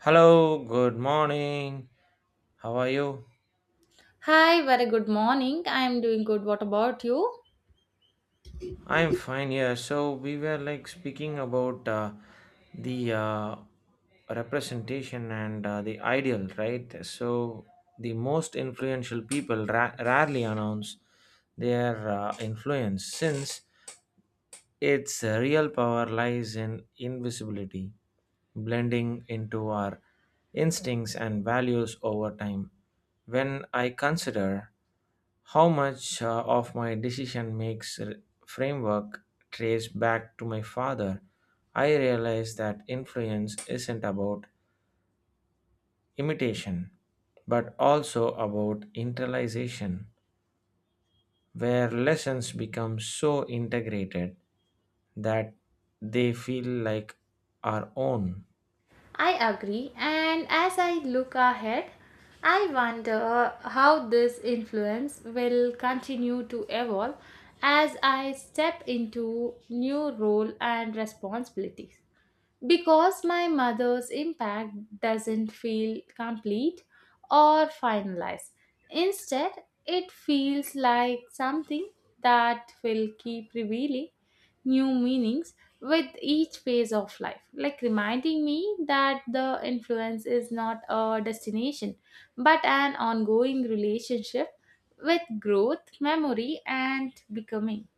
Hello, good morning. How are you? Hi, very good morning. I am doing good. What about you? I'm fine, yeah. So, we were like speaking about the representation and the ideal, right? So, the most influential people rarely announce their influence, since its real power lies in invisibility, blending into our instincts and values over time. When I consider how much of my decision makes framework trace back to my father, I realize that influence isn't about imitation, but also about internalization, where lessons become so integrated that they feel like our own. I agree. And as I look ahead, I wonder how this influence will continue to evolve as I step into new role and responsibilities. Because my mother's impact doesn't feel complete or finalized. Instead, it feels like something that will keep revealing new meanings with each phase of life, like reminding me that the influence is not a destination but an ongoing relationship with growth, memory, and becoming.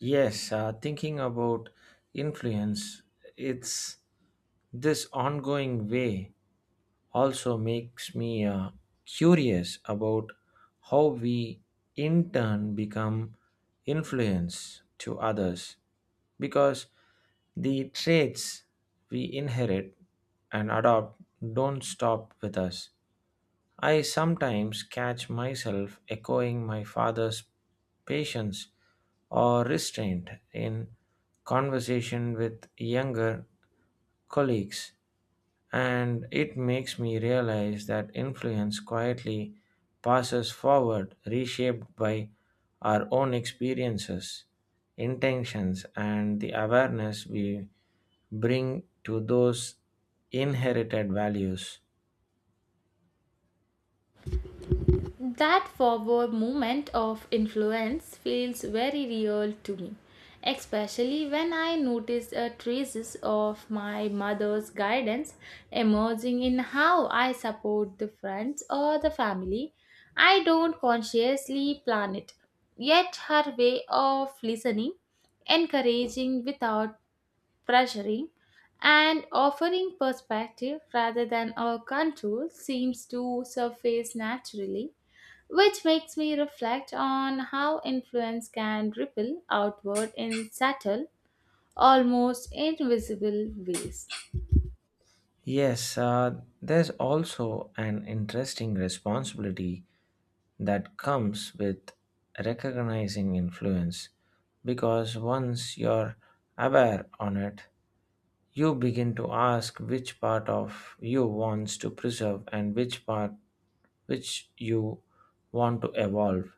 Yes, thinking about influence, it's this ongoing way also makes me curious about how we in turn become influence to others, because the traits we inherit and adopt don't stop with us. I sometimes catch myself echoing my father's patience or restraint in conversation with younger colleagues, and it makes me realize that influence quietly passes forward, reshaped by our own experiences, intentions, and the awareness we bring to those inherited values. That forward movement of influence feels very real to me, especially when I notice a traces of my mother's guidance emerging in how I support the friends or the family. I don't consciously plan it, yet her way of listening, encouraging without pressuring, and offering perspective rather than a control seems to surface naturally which makes me reflect on how influence can ripple outward in subtle, almost invisible ways. Yes, there's also an interesting responsibility that comes with recognizing influence, because once you're aware on it, you begin to ask which part of you wants to preserve and which you want to evolve.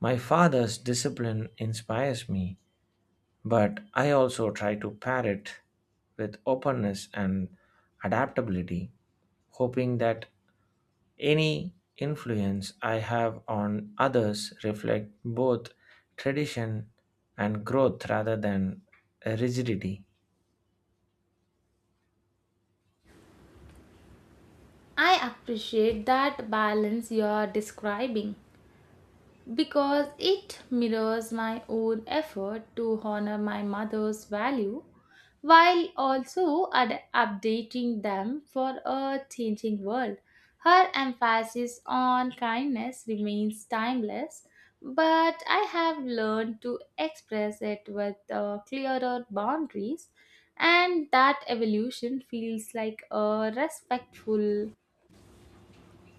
My father's discipline inspires me, but I also try to pair it with openness and adaptability, hoping that any influence I have on others reflect both tradition and growth rather than rigidity. I appreciate that balance you're describing because it mirrors my own effort to honor my mother's value while also updating them for a changing world. Her emphasis on kindness remains timeless, but I have learned to express it with clearer boundaries, and that evolution feels like a respectful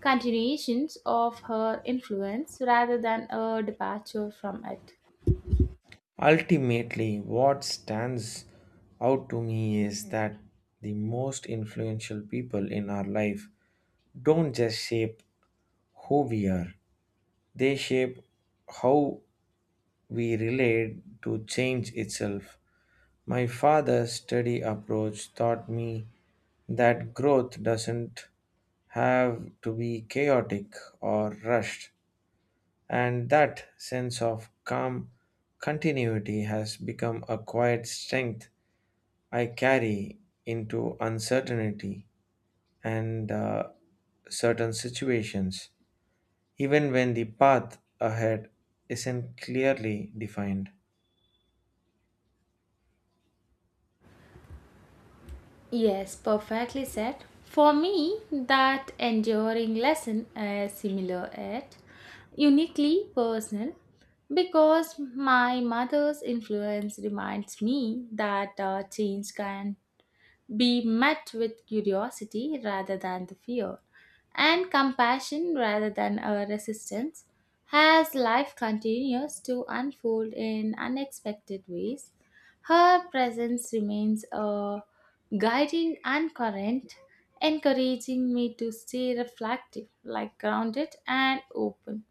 continuations of her influence rather than a departure from it. Ultimately, what stands out to me is that the most influential people in our life don't just shape who we are, they shape how we relate to change itself. My father's steady approach taught me that growth doesn't have to be chaotic or rushed, and that sense of calm continuity has become a quiet strength I carry into uncertainty and certain situations, even when the path ahead isn't clearly defined. Yes, perfectly said. For me, that enduring lesson is similar yet uniquely personal because my mother's influence reminds me that change can be met with curiosity rather than the fear, and compassion rather than a resistance, as life continues to unfold in unexpected ways. Her presence remains a guiding and current, encouraging me to stay reflective, like grounded and open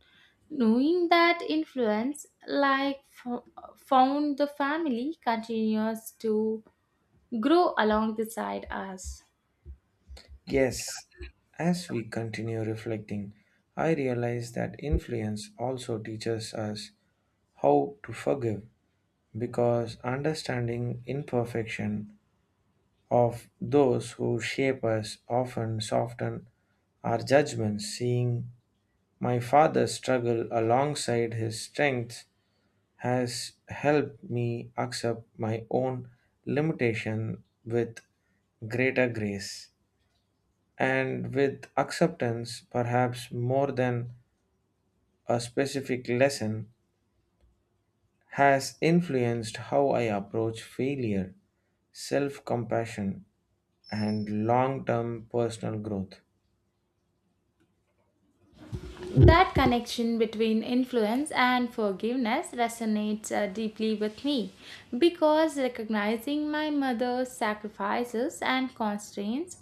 knowing that influence like found the family continues to grow along the side us. Yes, as we continue reflecting, I realize that influence also teaches us how to forgive, because understanding imperfection of those who shape us often soften our judgments. Seeing my father struggle alongside his strengths has helped me accept my own limitation with greater grace, and with acceptance, perhaps more than a specific lesson, has influenced how I approach failure, self compassion, and long term personal growth. That connection between influence and forgiveness resonates deeply with me because recognizing my mother's sacrifices and constraints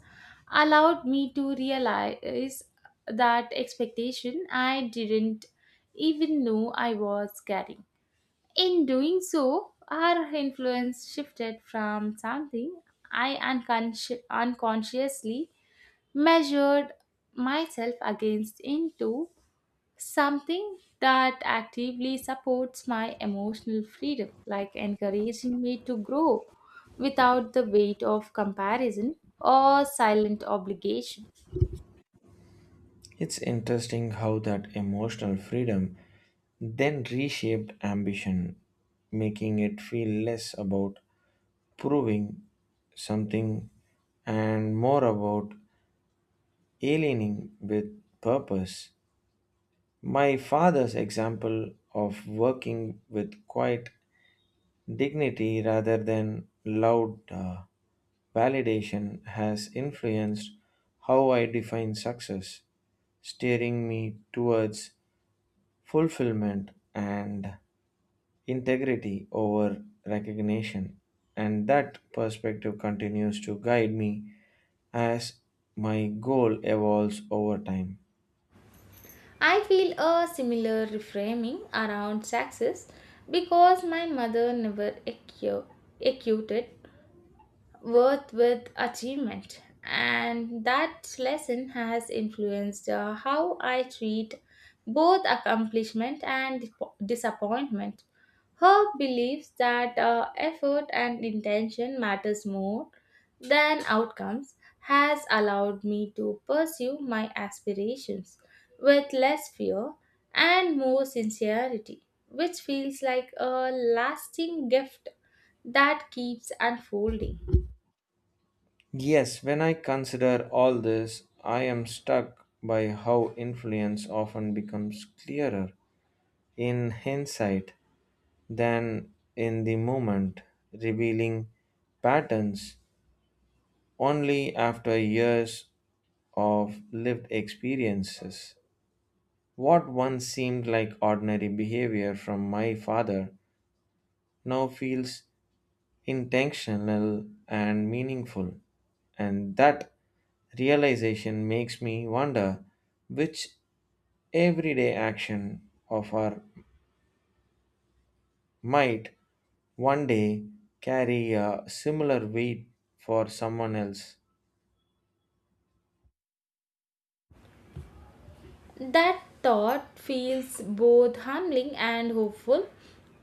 allowed me to realize that expectation I didn't even know I was carrying. In doing so, our influence shifted from something I unconsciously measured myself against into something that actively supports my emotional freedom, like encouraging me to grow without the weight of comparison or silent obligation. It's interesting how that emotional freedom then reshaped ambition, making it feel less about proving something and more about aligning with purpose. My father's example of working with quiet dignity rather than loud validation has influenced how I define success, steering me towards fulfillment and integrity over recognition. And that perspective continues to guide me as my goal evolves over time. I feel a similar reframing around success because my mother never acuted worth with achievement. And that lesson has influenced how I treat both accomplishment and disappointment. Her believes that effort and intention matters more than outcomes has allowed me to pursue my aspirations with less fear and more sincerity, which feels like a lasting gift that keeps unfolding. Yes, when I consider all this, I am struck by how influence often becomes clearer in hindsight than in the moment, revealing patterns only after years of lived experiences. What once seemed like ordinary behavior from my father now feels intentional and meaningful. And that realization makes me wonder which everyday action of our might one day carry a similar weight for someone else. That thought feels both humbling and hopeful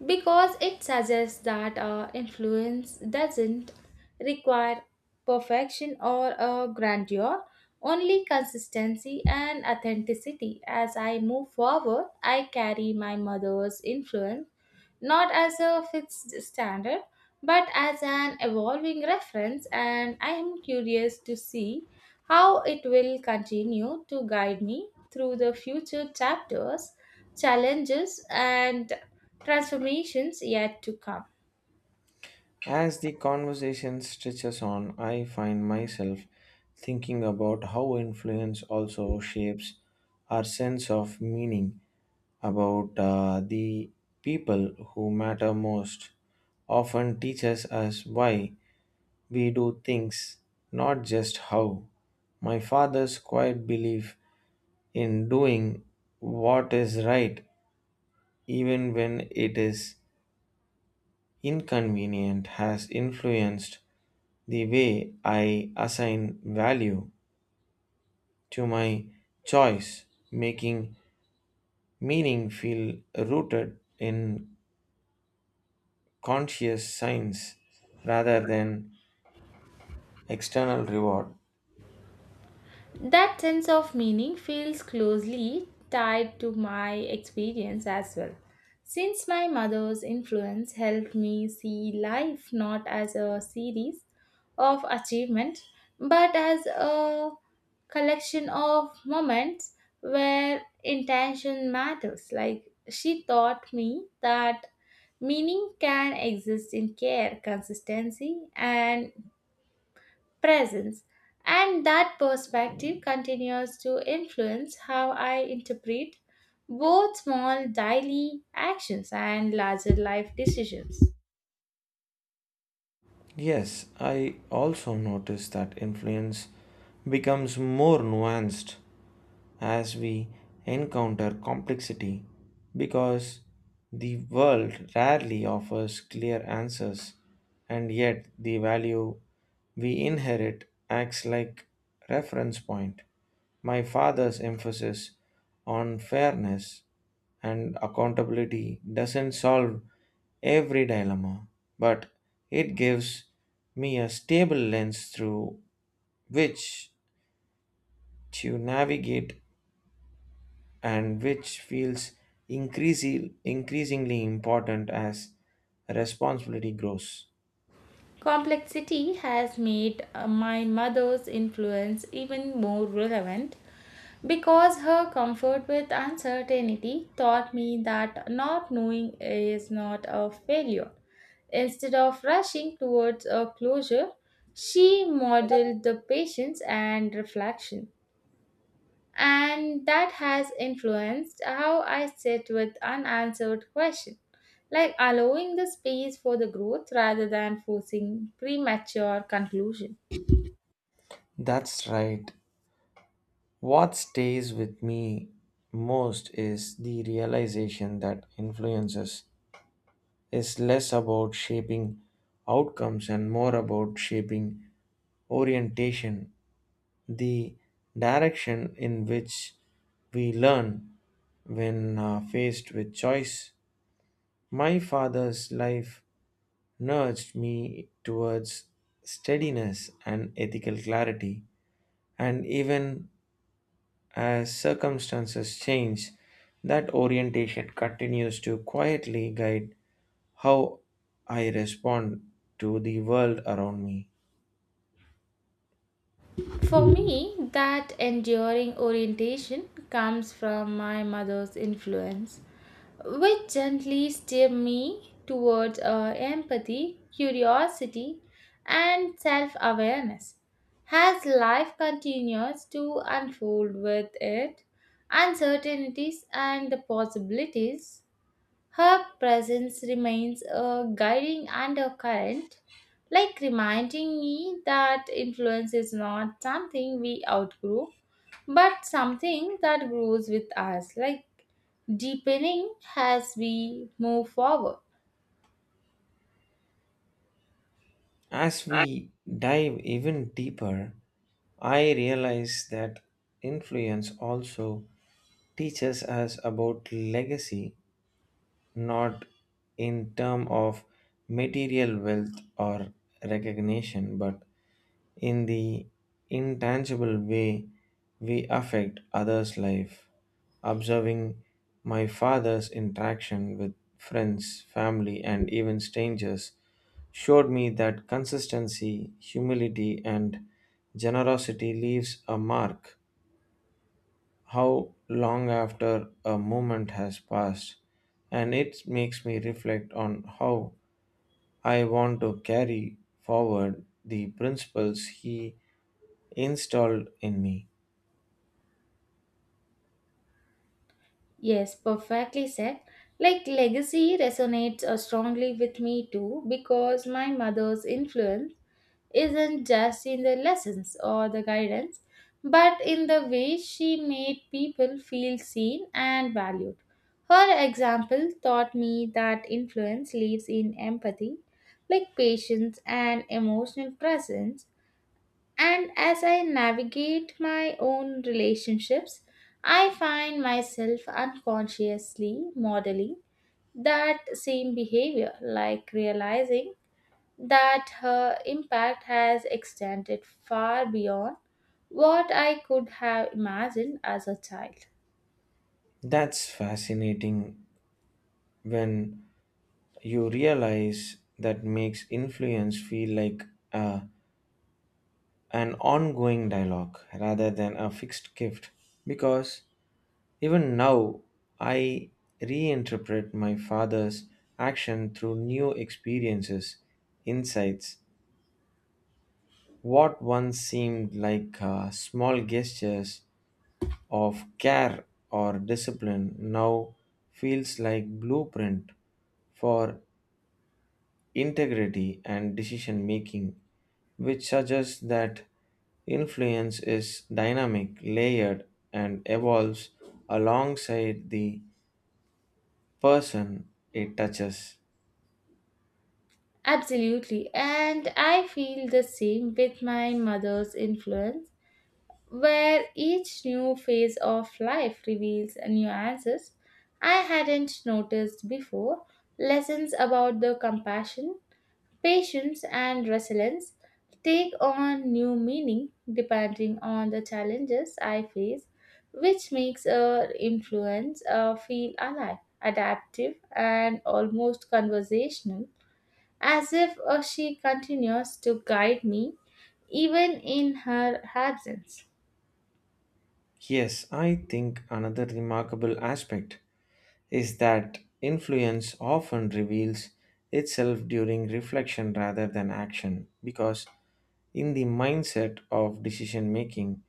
because it suggests that our influence doesn't require perfection or a grandeur, only consistency and authenticity. As I move forward, I carry my mother's influence not as a fixed standard, but as an evolving reference, and I am curious to see how it will continue to guide me through the future chapters, challenges, and transformations yet to come. As the conversation stretches on, I find myself thinking about how influence also shapes our sense of meaning about the people who matter most. Often teaches us why we do things, not just how. My father's quiet belief in doing what is right, even when it is inconvenient, has influenced the way I assign value to my choice, making meaning feel rooted in conscious science rather than external reward. That sense of meaning feels closely tied to my experience as well. Since my mother's influence helped me see life not as a series of achievements, but as a collection of moments where intention matters. Like she taught me that meaning can exist in care, consistency, and presence. And that perspective continues to influence how I interpret both small daily actions and larger life decisions. Yes, I also notice that influence becomes more nuanced as we encounter complexity, because the world rarely offers clear answers, and yet the value we inherit acts like reference point. My father's emphasis on fairness and accountability doesn't solve every dilemma, but it gives me a stable lens through which to navigate, and which feels increasingly important as responsibility grows. Complexity has made my mother's influence even more relevant. Because her comfort with uncertainty taught me that not knowing is not a failure. Instead of rushing towards a closure, she modeled the patience and reflection. And that has influenced how I sit with unanswered questions, like allowing the space for the growth rather than forcing premature conclusion. That's right. What stays with me most is the realization that influences is less about shaping outcomes and more about shaping orientation, the direction in which we learn when faced with choice. My father's life nudged me towards steadiness and ethical clarity. And even as circumstances change, that orientation continues to quietly guide how I respond to the world around me. For me, that enduring orientation comes from my mother's influence, which gently steered me towards empathy, curiosity, and self awareness. As life continues to unfold with it, uncertainties and the possibilities her presence remains a guiding undercurrent, like reminding me that influence is not something we outgrow, but something that grows with us, like deepening as we move forward. As we dive even deeper, I realize that influence also teaches us about legacy, not in terms of material wealth or recognition, but in the intangible way we affect others' life. Observing my father's interaction with friends, family, and even strangers showed me that consistency, humility, and generosity leaves a mark how long after a moment has passed, and it makes me reflect on how I want to carry forward the principles he installed in me. Yes, perfectly said. Like legacy resonates strongly with me too because my mother's influence isn't just in the lessons or the guidance, but in the way she made people feel seen and valued. Her example taught me that influence lives in empathy, like patience and emotional presence. And as I navigate my own relationships, I find myself unconsciously modeling that same behavior, like realizing that her impact has extended far beyond what I could have imagined as a child. That's fascinating when you realize that makes influence feel like a, an ongoing dialogue rather than a fixed gift, because even now, I reinterpret my father's action through new experiences, insights. What once seemed like small gestures of care or discipline now feels like blueprint for integrity and decision making, which suggests that influence is dynamic, layered, and evolves alongside the person it touches. Absolutely, and I feel the same with my mother's influence, where each new phase of life reveals nuances I hadn't noticed before, lessons about the compassion, patience and resilience take on new meaning depending on the challenges I face, which makes influence feel alive, adaptive, and almost conversational, as if she continues to guide me even in her absence. Yes, I think another remarkable aspect is that influence often reveals itself during reflection rather than action, because in the mindset of decision making,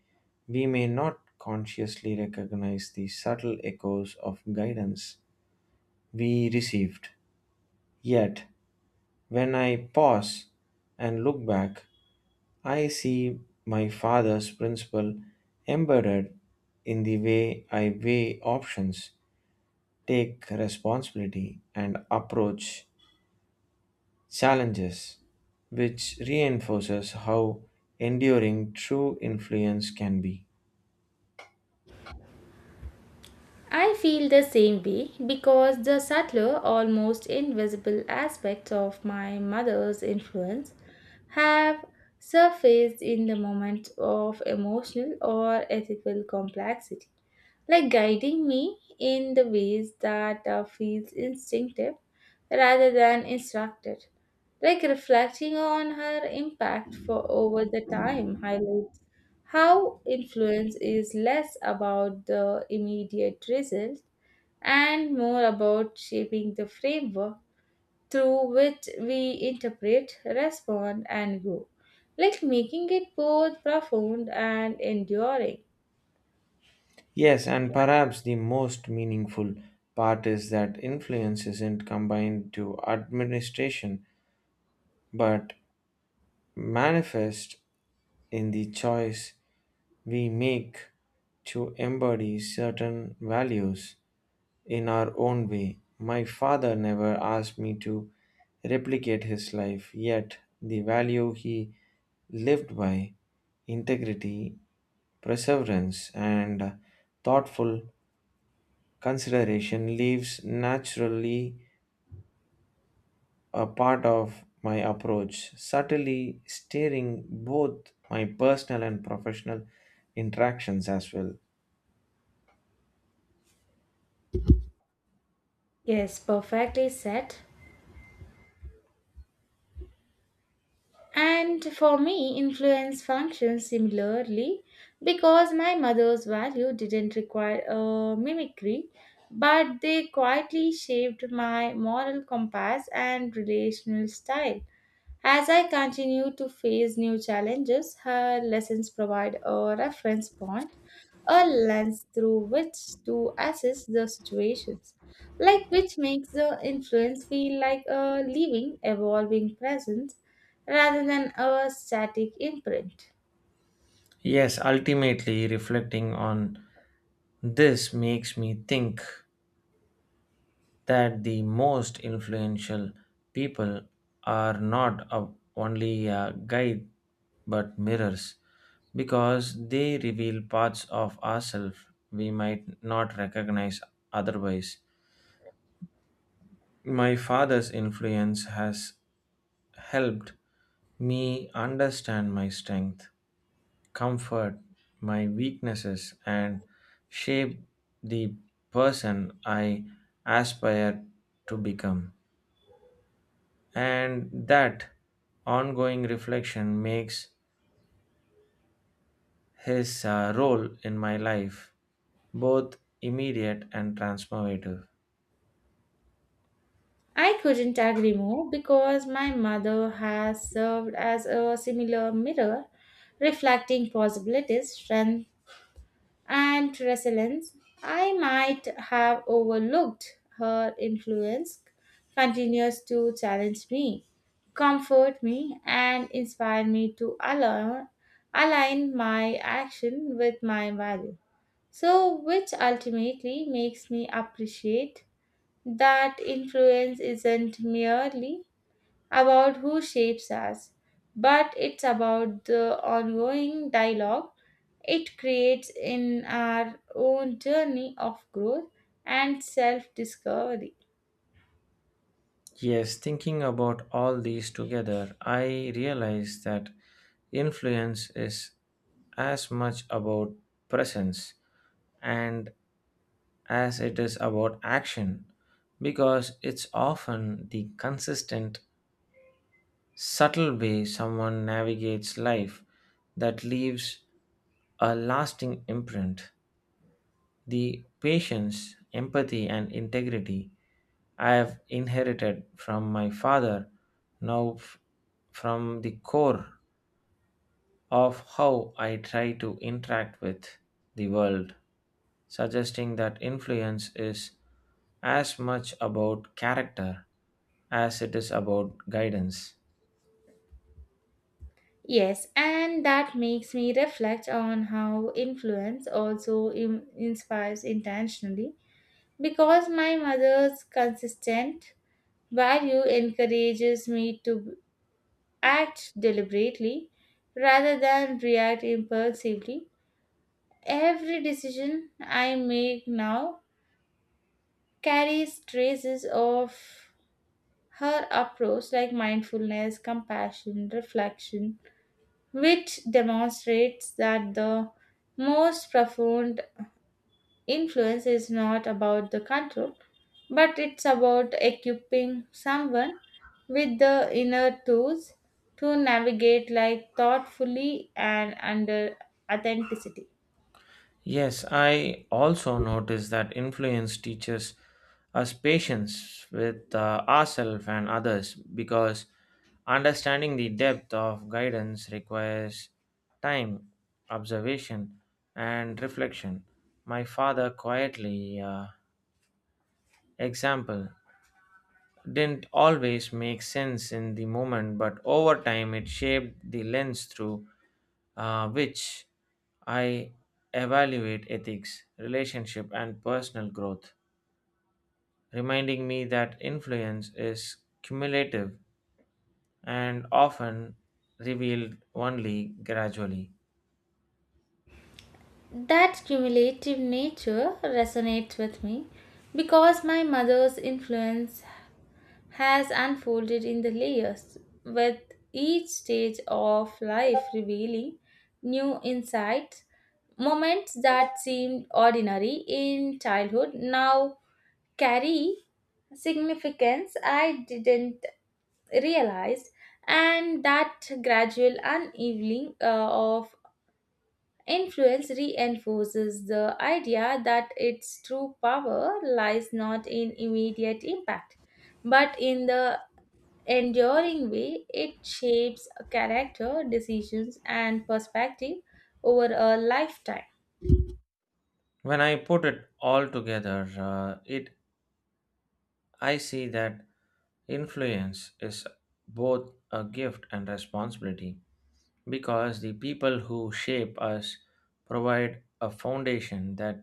we may not consciously recognize the subtle echoes of guidance we received. Yet, when I pause and look back, I see my father's principle embedded in the way I weigh options, take responsibility, and approach challenges, which reinforces how enduring true influence can be. I feel the same way because the subtler, almost invisible aspects of my mother's influence have surfaced in the moment of emotional or ethical complexity, like guiding me in the ways that feels instinctive rather than instructed. Like reflecting on her impact for over the time highlights how influence is less about the immediate result and more about shaping the framework through which we interpret, respond, and grow, like making it both profound and enduring. Yes, and perhaps the most meaningful part is that influence isn't combined to administration, but manifest in the choice we make to embody certain values in our own way. My father never asked me to replicate his life, yet, the value he lived by, integrity, perseverance, and thoughtful consideration, leaves naturally a part of my approach, subtly steering both my personal and professional interactions as well. Yes, perfectly said. And for me, influence functions similarly because my mother's value didn't require a mimicry, but they quietly shaped my moral compass and relational style. As I continue to face new challenges, her lessons provide a reference point, a lens through which to assess the situations, like which makes the influence feel like a living, evolving presence rather than a static imprint. Yes, ultimately, reflecting on this makes me think that the most influential people are not only a guide but mirrors, because they reveal parts of ourselves we might not recognize otherwise. My father's influence has helped me understand my strength, comfort my weaknesses, and shape the person I aspire to become. And that ongoing reflection makes his role in my life both immediate and transformative. I couldn't agree more because my mother has served as a similar mirror, reflecting possibilities, strengths, and resilience, I might have overlooked her influence continues to challenge me, comfort me, and inspire me to align, align my action with my value. So, which ultimately makes me appreciate that influence isn't merely about who shapes us, but it's about the ongoing dialogue it creates in our own journey of growth and self discovery. Yes, thinking about all these together, I realize that influence is as much about presence and as it is about action, because it's often the consistent, subtle way someone navigates life that leaves a lasting imprint. The patience, empathy, and integrity I have inherited from my father now from the core of how I try to interact with the world, suggesting that influence is as much about character as it is about guidance. Yes, and that makes me reflect on how influence also inspires intentionally because my mother's consistent value encourages me to act deliberately rather than react impulsively. Every decision I make now carries traces of her approach, like mindfulness, compassion, reflection, which demonstrates that the most profound influence is not about the control, but it's about equipping someone with the inner tools to navigate like thoughtfully and under authenticity. Yes, I also noticed that influence teaches us patience with ourselves and others, because understanding the depth of guidance requires time, observation, and reflection. My father quietly example didn't always make sense in the moment, but over time it shaped the lens through which I evaluate ethics, relationship, and personal growth, reminding me that influence is cumulative and often revealed only gradually. That cumulative nature resonates with me because my mother's influence has unfolded in the layers, with each stage of life revealing new insights. Moments that seemed ordinary in childhood now carry significance I didn't realize, and that gradual uneveiling of influence reinforces the idea that its true power lies not in immediate impact, but in the enduring way it shapes character, decisions, and perspective over a lifetime. When I put it all together, it I see that influence is both a gift and responsibility, because the people who shape us provide a foundation that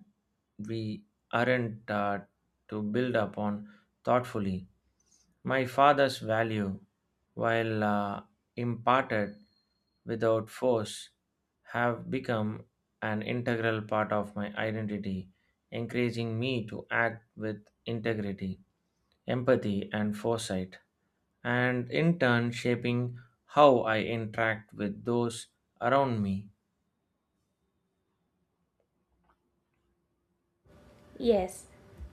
we aren't taught to build upon thoughtfully. My father's value, while imparted without force, have become an integral part of my identity, encouraging me to act with integrity, empathy, and foresight, and in turn shaping how I interact with those around me. Yes,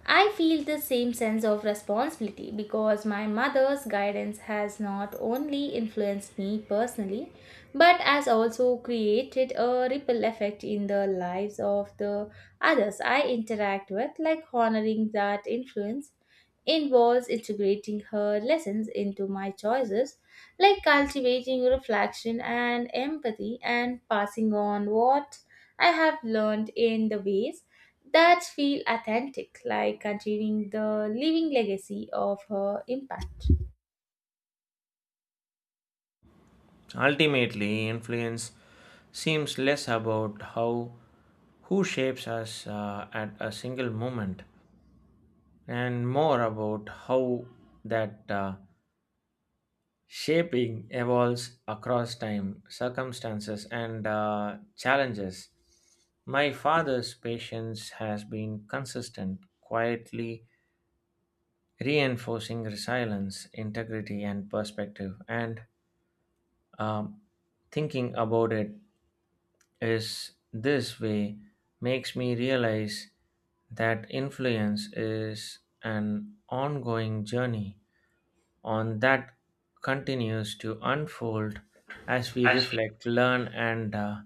I feel the same sense of responsibility because my mother's guidance has not only influenced me personally but has also created a ripple effect in the lives of the others I interact with, like honoring that influence involves integrating her lessons into my choices, like cultivating reflection and empathy and passing on what I have learned in the ways that feel authentic, like continuing the living legacy of her impact. Ultimately, influence seems less about how who shapes us at a single moment and more about how that shaping evolves across time, circumstances, and challenges. My father's patience has been consistent, quietly reinforcing resilience, integrity, and perspective. And um, thinking about it is this way makes me realize that influence is an ongoing journey on that continues to unfold as we I see. reflect, learn, and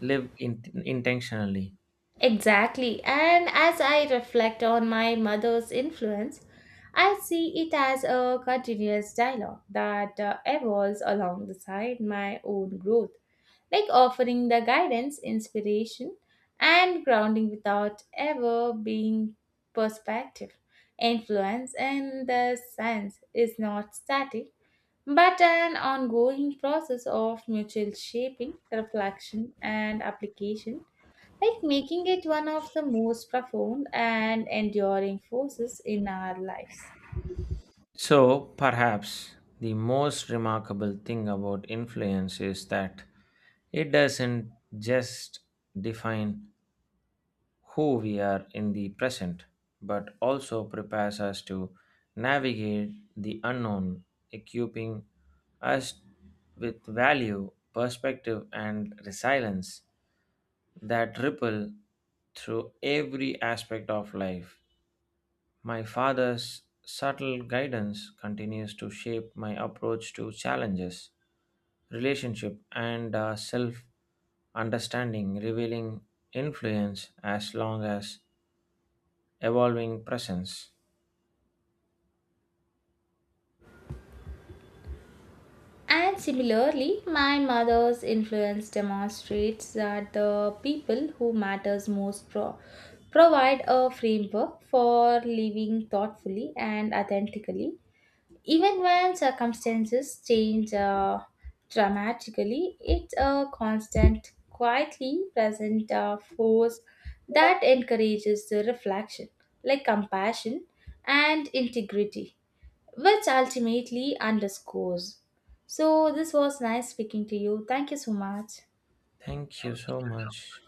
live intentionally. Exactly. And as I reflect on my mother's influence, I see it as a continuous dialogue that evolves alongside my own growth, like offering the guidance, inspiration, and grounding without ever being perspective. Influence in the sense is not static but an ongoing process of mutual shaping, reflection, and application, like making it one of the most profound and enduring forces in our lives. So, perhaps the most remarkable thing about influence is that it doesn't just define who we are in the present, but also prepares us to navigate the unknown, equipping us with value, perspective, and resilience that ripple through every aspect of life. My father's subtle guidance continues to shape my approach to challenges, relationship, and self understanding, revealing influence as long as evolving presence. And similarly, my mother's influence demonstrates that the people who matters most provide a framework for living thoughtfully and authentically. Even when circumstances change dramatically, it's a constant, quietly present force that encourages the reflection, like compassion and integrity, which ultimately underscores. So, this was nice speaking to you. Thank you so much. Thank you so much.